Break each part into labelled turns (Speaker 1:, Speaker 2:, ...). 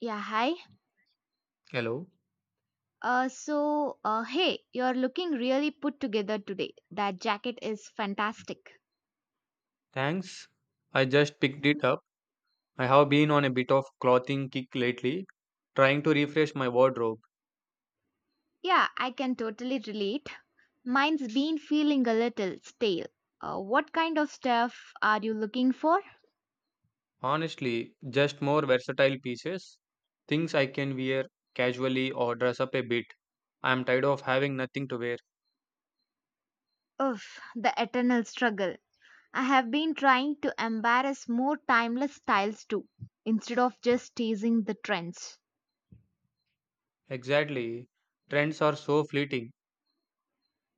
Speaker 1: Yeah, hi.
Speaker 2: Hello.
Speaker 1: Hey, you're looking really put together today. That jacket is fantastic.
Speaker 2: Thanks. I just picked it up. I have been on a bit of clothing kick lately, trying to refresh my wardrobe.
Speaker 1: Yeah, I can totally relate. Mine's been feeling a little stale. What kind of stuff are you looking for?
Speaker 2: Honestly, just more versatile pieces, things I can wear casually or dress up a bit. I'm tired of having nothing to wear.
Speaker 1: Ugh, the eternal struggle. I have been trying to embrace more timeless styles too, instead of just teasing the trends.
Speaker 2: Exactly. Trends are so fleeting.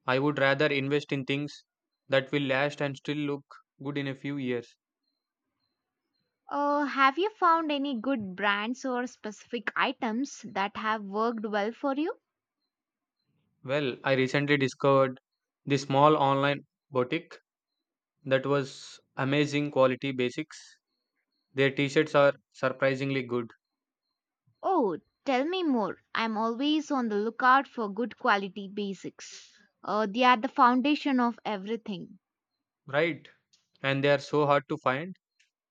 Speaker 2: I would rather invest in things that will last and still look good in a few years.
Speaker 1: Have you found any good brands or specific items that have worked well for you?
Speaker 2: Well, I recently discovered this small online boutique that was amazing quality basics. Their t-shirts are surprisingly good,
Speaker 1: Oh, tell me more. I'm always on the lookout for good quality basics. They are the foundation of everything.
Speaker 2: right? And they are so hard to find.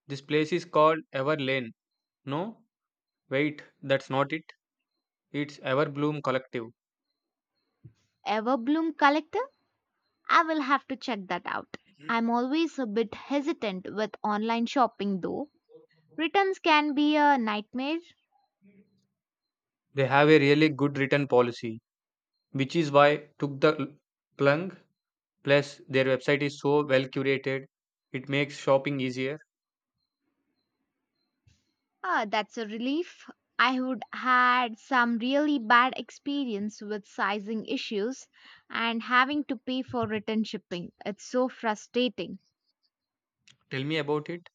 Speaker 2: This place is called Ever Lane. No, wait, that's not it. It's Everbloom Collective.
Speaker 1: Everbloom Collector? I will have to check that out. I'm always a bit hesitant with online shopping though. Returns can be a nightmare.
Speaker 2: They have a really good return policy, which is why took the plunge. Plus, their website is so well curated, it makes shopping easier.
Speaker 1: Ah, that's a relief. I would had some really bad experience with sizing issues and having to pay for return shipping. It's so frustrating.
Speaker 2: Tell me about it.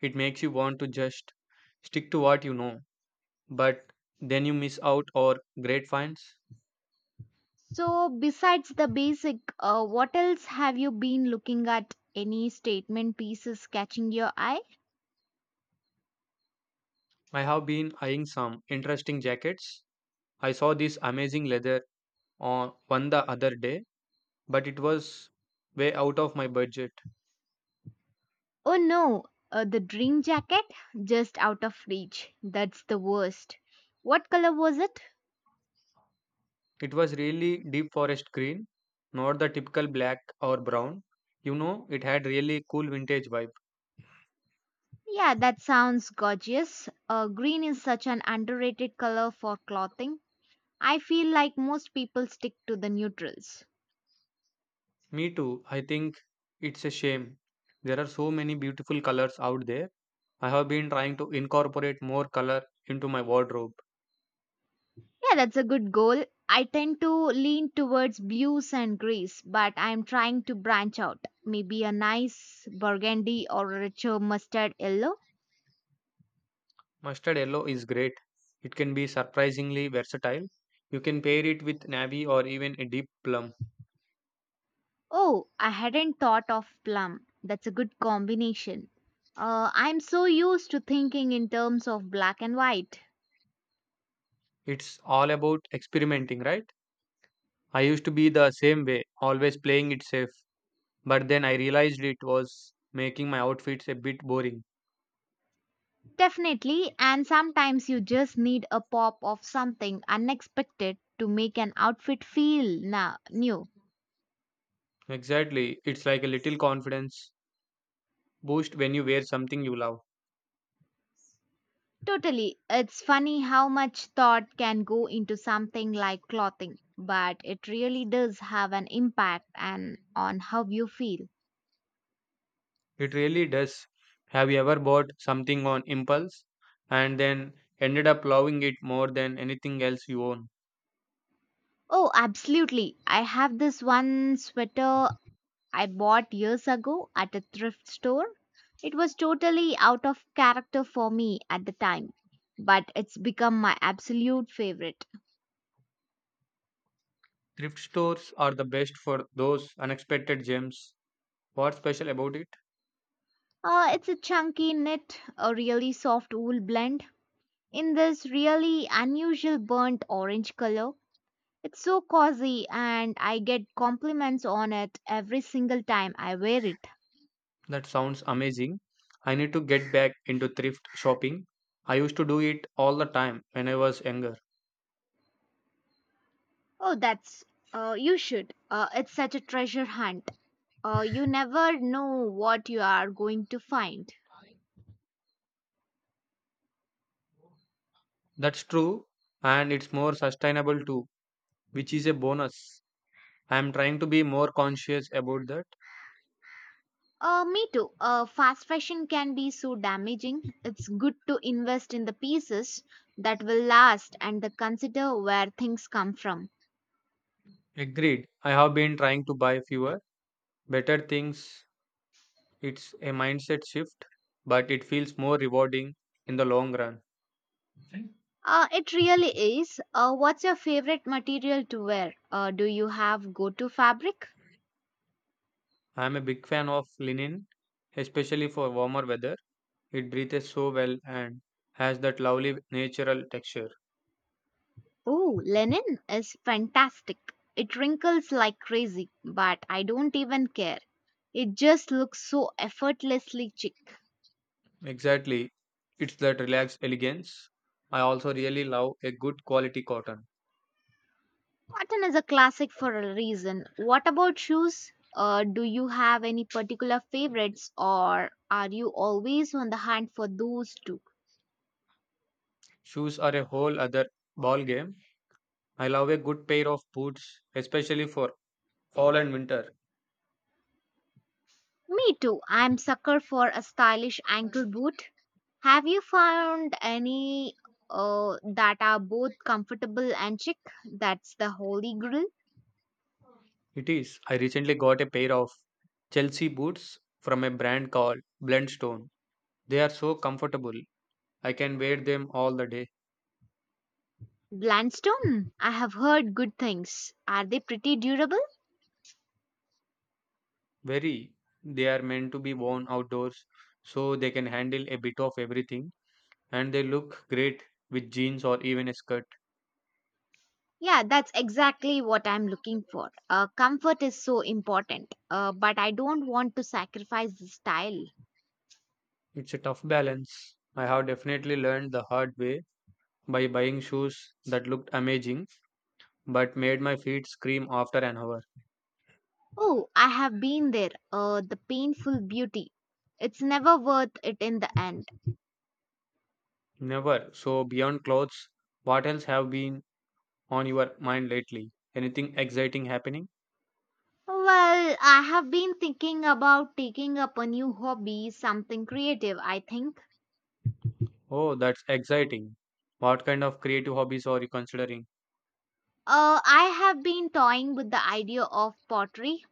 Speaker 2: It makes you want to just stick to what you know, but then you miss out or great finds.
Speaker 1: So, besides the basic, what else have you been looking at? Any statement pieces catching your eye?
Speaker 2: I have been eyeing some interesting jackets. I saw this amazing leather on one the other day, but it was way out of my budget.
Speaker 1: Oh no, the dream jacket just out of reach. That's the worst. What color was it?
Speaker 2: It was really deep forest green, not the typical black or brown. You know, it had really cool vintage vibe.
Speaker 1: Yeah, that sounds gorgeous. Green is such an underrated color for clothing. I feel like most people stick to the neutrals.
Speaker 2: Me too. I think it's a shame. There are so many beautiful colors out there. I have been trying to incorporate more color into my wardrobe.
Speaker 1: Yeah, that's a good goal. I tend to lean towards blues and greys, but I'm trying to branch out. Maybe a nice burgundy or a richer mustard yellow.
Speaker 2: Mustard yellow is great. It can be surprisingly versatile. You can pair it with navy or even a deep plum.
Speaker 1: Oh, I hadn't thought of plum. That's a good combination. I'm so used to thinking in terms of black and white.
Speaker 2: It's all about experimenting, right? I used to be the same way, always playing it safe, but then I realized it was making my outfits a bit boring.
Speaker 1: Definitely, and sometimes you just need a pop of something unexpected to make an outfit feel new.
Speaker 2: Exactly, it's like a little confidence boost when you wear something you love.
Speaker 1: Totally. It's funny how much thought can go into something like clothing, but it really does have an impact and on how you feel.
Speaker 2: It really does. Have you ever bought something on impulse and then ended up loving it more than anything else you own?
Speaker 1: Oh, absolutely. I have this one sweater I bought years ago at a thrift store. It was totally out of character for me at the time, but it's become my absolute favorite.
Speaker 2: Thrift stores are the best for those unexpected gems. What's special about it?
Speaker 1: It's a chunky knit, a really soft wool blend in this really unusual burnt orange color. It's so cozy and I get compliments on it every single time I wear it.
Speaker 2: That sounds amazing. I need to get back into thrift shopping. I used to do it all the time when I was younger.
Speaker 1: Oh, that's, you should. It's such a treasure hunt. You never know what you are going to find.
Speaker 2: That's true, and it's more sustainable too, which is a bonus. I am trying to be more conscious about that.
Speaker 1: Me too. Fast fashion can be so damaging. It's good to invest in the pieces that will last and the consider where things come from.
Speaker 2: Agreed. I have been trying to buy fewer, better things. It's a mindset shift, but it feels more rewarding in the long run.
Speaker 1: It really is. What's your favorite material to wear? Do you have go-to fabric?
Speaker 2: I am a big fan of linen, especially for warmer weather. It breathes so well and has that lovely natural texture.
Speaker 1: Oh, Lenin is fantastic. It wrinkles like crazy, but I don't even care. It just looks so effortlessly chic.
Speaker 2: Exactly. It's that relaxed elegance. I also really love a good quality cotton.
Speaker 1: Cotton is a classic for a reason. What about shoes? Do you have any particular favorites, or are you always on the hunt for those too?
Speaker 2: Shoes are a whole other ball game. I love a good pair of boots, especially for fall and winter.
Speaker 1: Me too. I'm sucker for a stylish ankle boot. Have you found any that are both comfortable and chic? That's the holy grail.
Speaker 2: It is. I recently got a pair of Chelsea boots from a brand called Blendstone. They are so comfortable. I can wear them all the day.
Speaker 1: Blandstone, I have heard good things. Are they pretty durable?
Speaker 2: Very. They are meant to be worn outdoors, so they can handle a bit of everything, and they look great with jeans or even a skirt.
Speaker 1: Yeah, that's exactly what I'm looking for. Comfort is so important, but I don't want to sacrifice the style.
Speaker 2: It's a tough balance. I have definitely learned the hard way by buying shoes that looked amazing but made my feet scream after an hour.
Speaker 1: Oh, I have been there. The painful beauty. It's never worth it in the end.
Speaker 2: Never. So, beyond clothes, what else have been on your mind lately? Anything exciting happening?
Speaker 1: Well, I have been thinking about taking up a new hobby, something creative, I think.
Speaker 2: Oh, that's exciting. What kind of creative hobbies are you considering?
Speaker 1: I have been toying with the idea of pottery.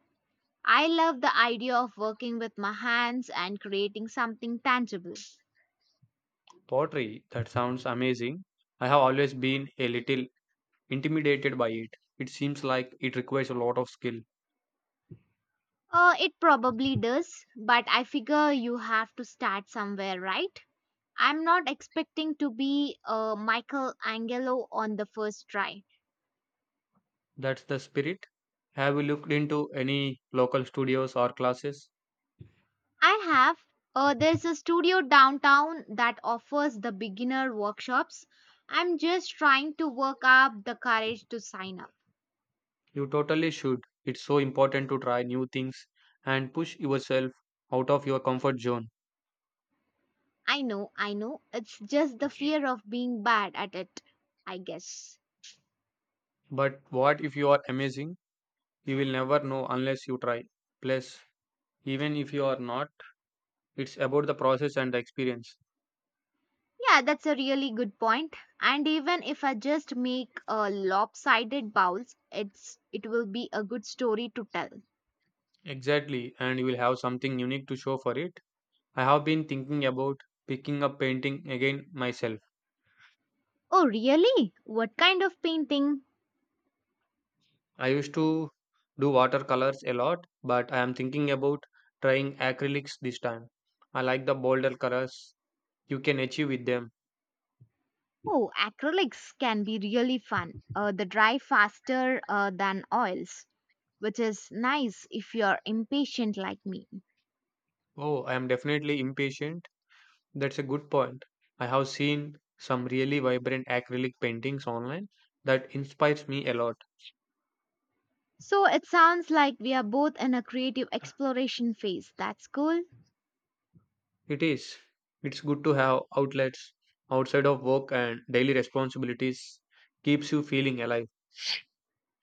Speaker 1: I love the idea of working with my hands and creating something tangible.
Speaker 2: Pottery. That sounds amazing. I have always been a little intimidated by it. It seems like it requires a lot of skill.
Speaker 1: It probably does, but I figure you have to start somewhere, right? I'm not expecting to be a Michelangelo on the first try.
Speaker 2: That's the spirit. Have you looked into any local studios or classes?
Speaker 1: I have. There's a studio downtown that offers the beginner workshops. I'm just trying to work up the courage to sign up.
Speaker 2: You totally should. It's so important to try new things and push yourself out of your comfort zone.
Speaker 1: I know, I know. It's just the fear of being bad at it, I guess.
Speaker 2: But what if you are amazing? You will never know unless you try. Plus, even if you are not, it's about the process and the experience.
Speaker 1: Yeah, that's a really good point. And even if I just make a lopsided bowls, it will be a good story to tell.
Speaker 2: Exactly, and you will have something unique to show for it. I have been thinking about picking up painting again myself.
Speaker 1: Oh, really? What kind of painting?
Speaker 2: I used to do watercolors a lot, but I am thinking about trying acrylics this time. I like the bolder colors you can achieve with them.
Speaker 1: Oh, acrylics can be really fun. They dry faster than oils, which is nice if you're impatient like me.
Speaker 2: Oh, I am definitely impatient. That's a good point. I have seen some really vibrant acrylic paintings online that inspires me a lot.
Speaker 1: So it sounds like we are both in a creative exploration phase. That's cool.
Speaker 2: It is. It's good to have outlets outside of work and daily responsibilities keeps you feeling alive.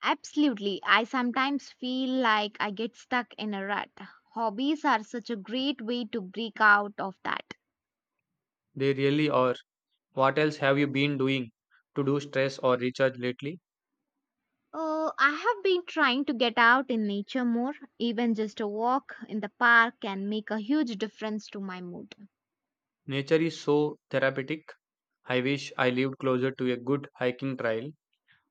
Speaker 1: Absolutely. I sometimes feel like I get stuck in a rut. Hobbies are such a great way to break out of that.
Speaker 2: They really are. What else have you been doing to do stress or recharge lately?
Speaker 1: Oh, I have been trying to get out in nature more. Even just a walk in the park can make a huge difference to my mood.
Speaker 2: Nature is so therapeutic. I wish I lived closer to a good hiking trail.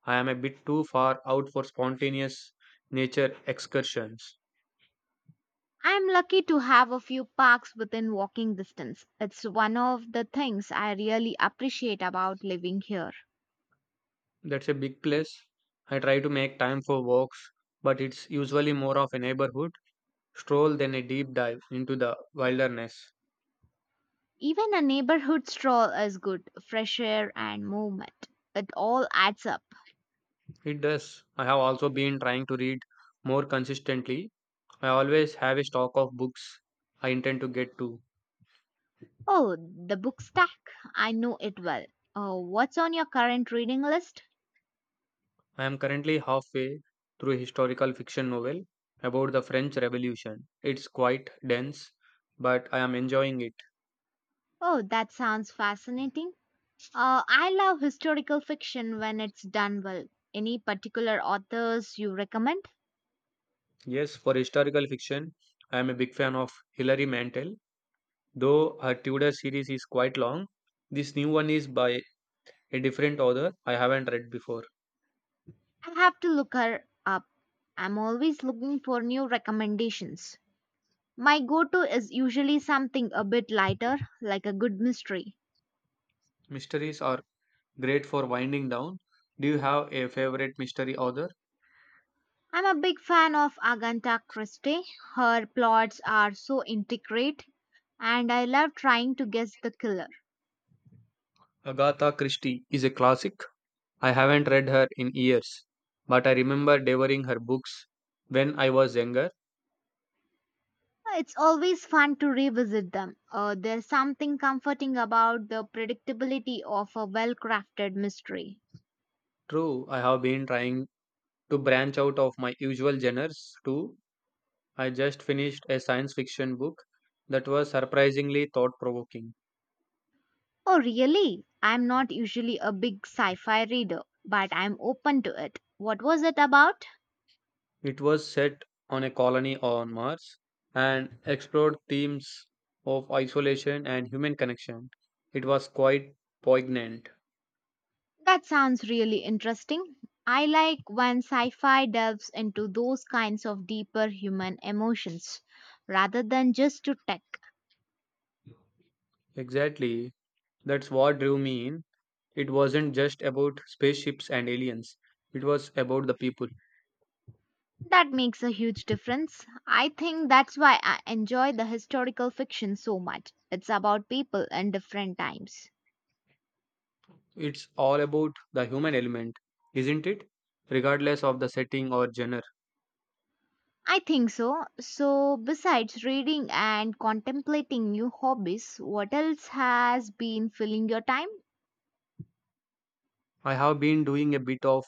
Speaker 2: I am a bit too far out for spontaneous nature excursions.
Speaker 1: I am lucky to have a few parks within walking distance. It's one of the things I really appreciate about living here.
Speaker 2: That's a big plus. I try to make time for walks, but it's usually more of a neighborhood stroll than a deep dive into the wilderness.
Speaker 1: Even a neighborhood stroll is good, fresh air and movement. It all adds up.
Speaker 2: It does. I have also been trying to read more consistently. I always have a stock of books I intend to get to.
Speaker 1: Oh, the book stack. I know it well. What's on your current reading list?
Speaker 2: I am currently halfway through a historical fiction novel about the French Revolution. It's quite dense, but I am enjoying it.
Speaker 1: Oh, that sounds fascinating. I love historical fiction when it's done well. Any particular authors you recommend?
Speaker 2: Yes, for historical fiction, I am a big fan of Hilary Mantel, though her Tudor series is quite long. This new one is by a different author I haven't read before.
Speaker 1: I have to look her up. I'm always looking for new recommendations. My go to is usually something a bit lighter, like a good mystery.
Speaker 2: Mysteries are great for winding down. Do you have a favorite mystery author?
Speaker 1: I'm a big fan of Agatha Christie. Her plots are so intricate, and I love trying to guess the killer.
Speaker 2: Agatha Christie is a classic. I haven't read her in years, but I remember devouring her books when I was younger.
Speaker 1: It's always fun to revisit them. There's something comforting about the predictability of a well crafted mystery.
Speaker 2: True, I have been trying to branch out of my usual genres too. I just finished a science fiction book that was surprisingly thought provoking.
Speaker 1: Oh, really? I'm not usually a big sci fi reader, but I'm open to it. What was it about?
Speaker 2: It was set on a colony on Mars and explored themes of isolation and human connection. It was quite poignant.
Speaker 1: That sounds really interesting. I like when sci fi delves into those kinds of deeper human emotions rather than just to tech.
Speaker 2: Exactly. That's what drew me in. It wasn't just about spaceships and aliens, it was about the people.
Speaker 1: That makes a huge difference. I think that's why I enjoy the historical fiction so much. It's about people and different times.
Speaker 2: It's all about the human element, isn't it? Regardless of the setting or genre.
Speaker 1: I think so. So, besides reading and contemplating new hobbies, what else has been filling your time?
Speaker 2: I have been doing a bit of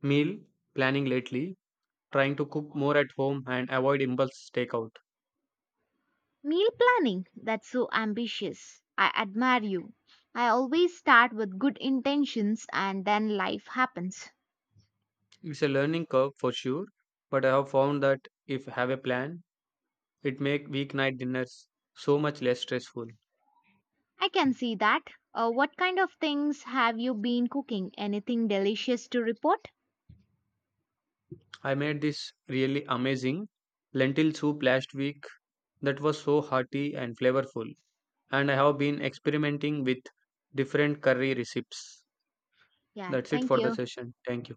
Speaker 2: meal planning lately, trying to cook more at home and avoid impulse takeout.
Speaker 1: Meal planning, that's so ambitious. I admire you. I always start with good intentions and then life happens.
Speaker 2: It's a learning curve for sure, but I have found that if I have a plan, it make weeknight dinners so much less stressful.
Speaker 1: I can see that. What kind of things have you been cooking? Anything delicious to report?
Speaker 2: I made this really amazing lentil soup last week that was so hearty and flavorful, and I have been experimenting with different curry recipes.
Speaker 1: Yeah,
Speaker 2: That's it
Speaker 1: thank
Speaker 2: for the
Speaker 1: you.
Speaker 2: session. Thank you.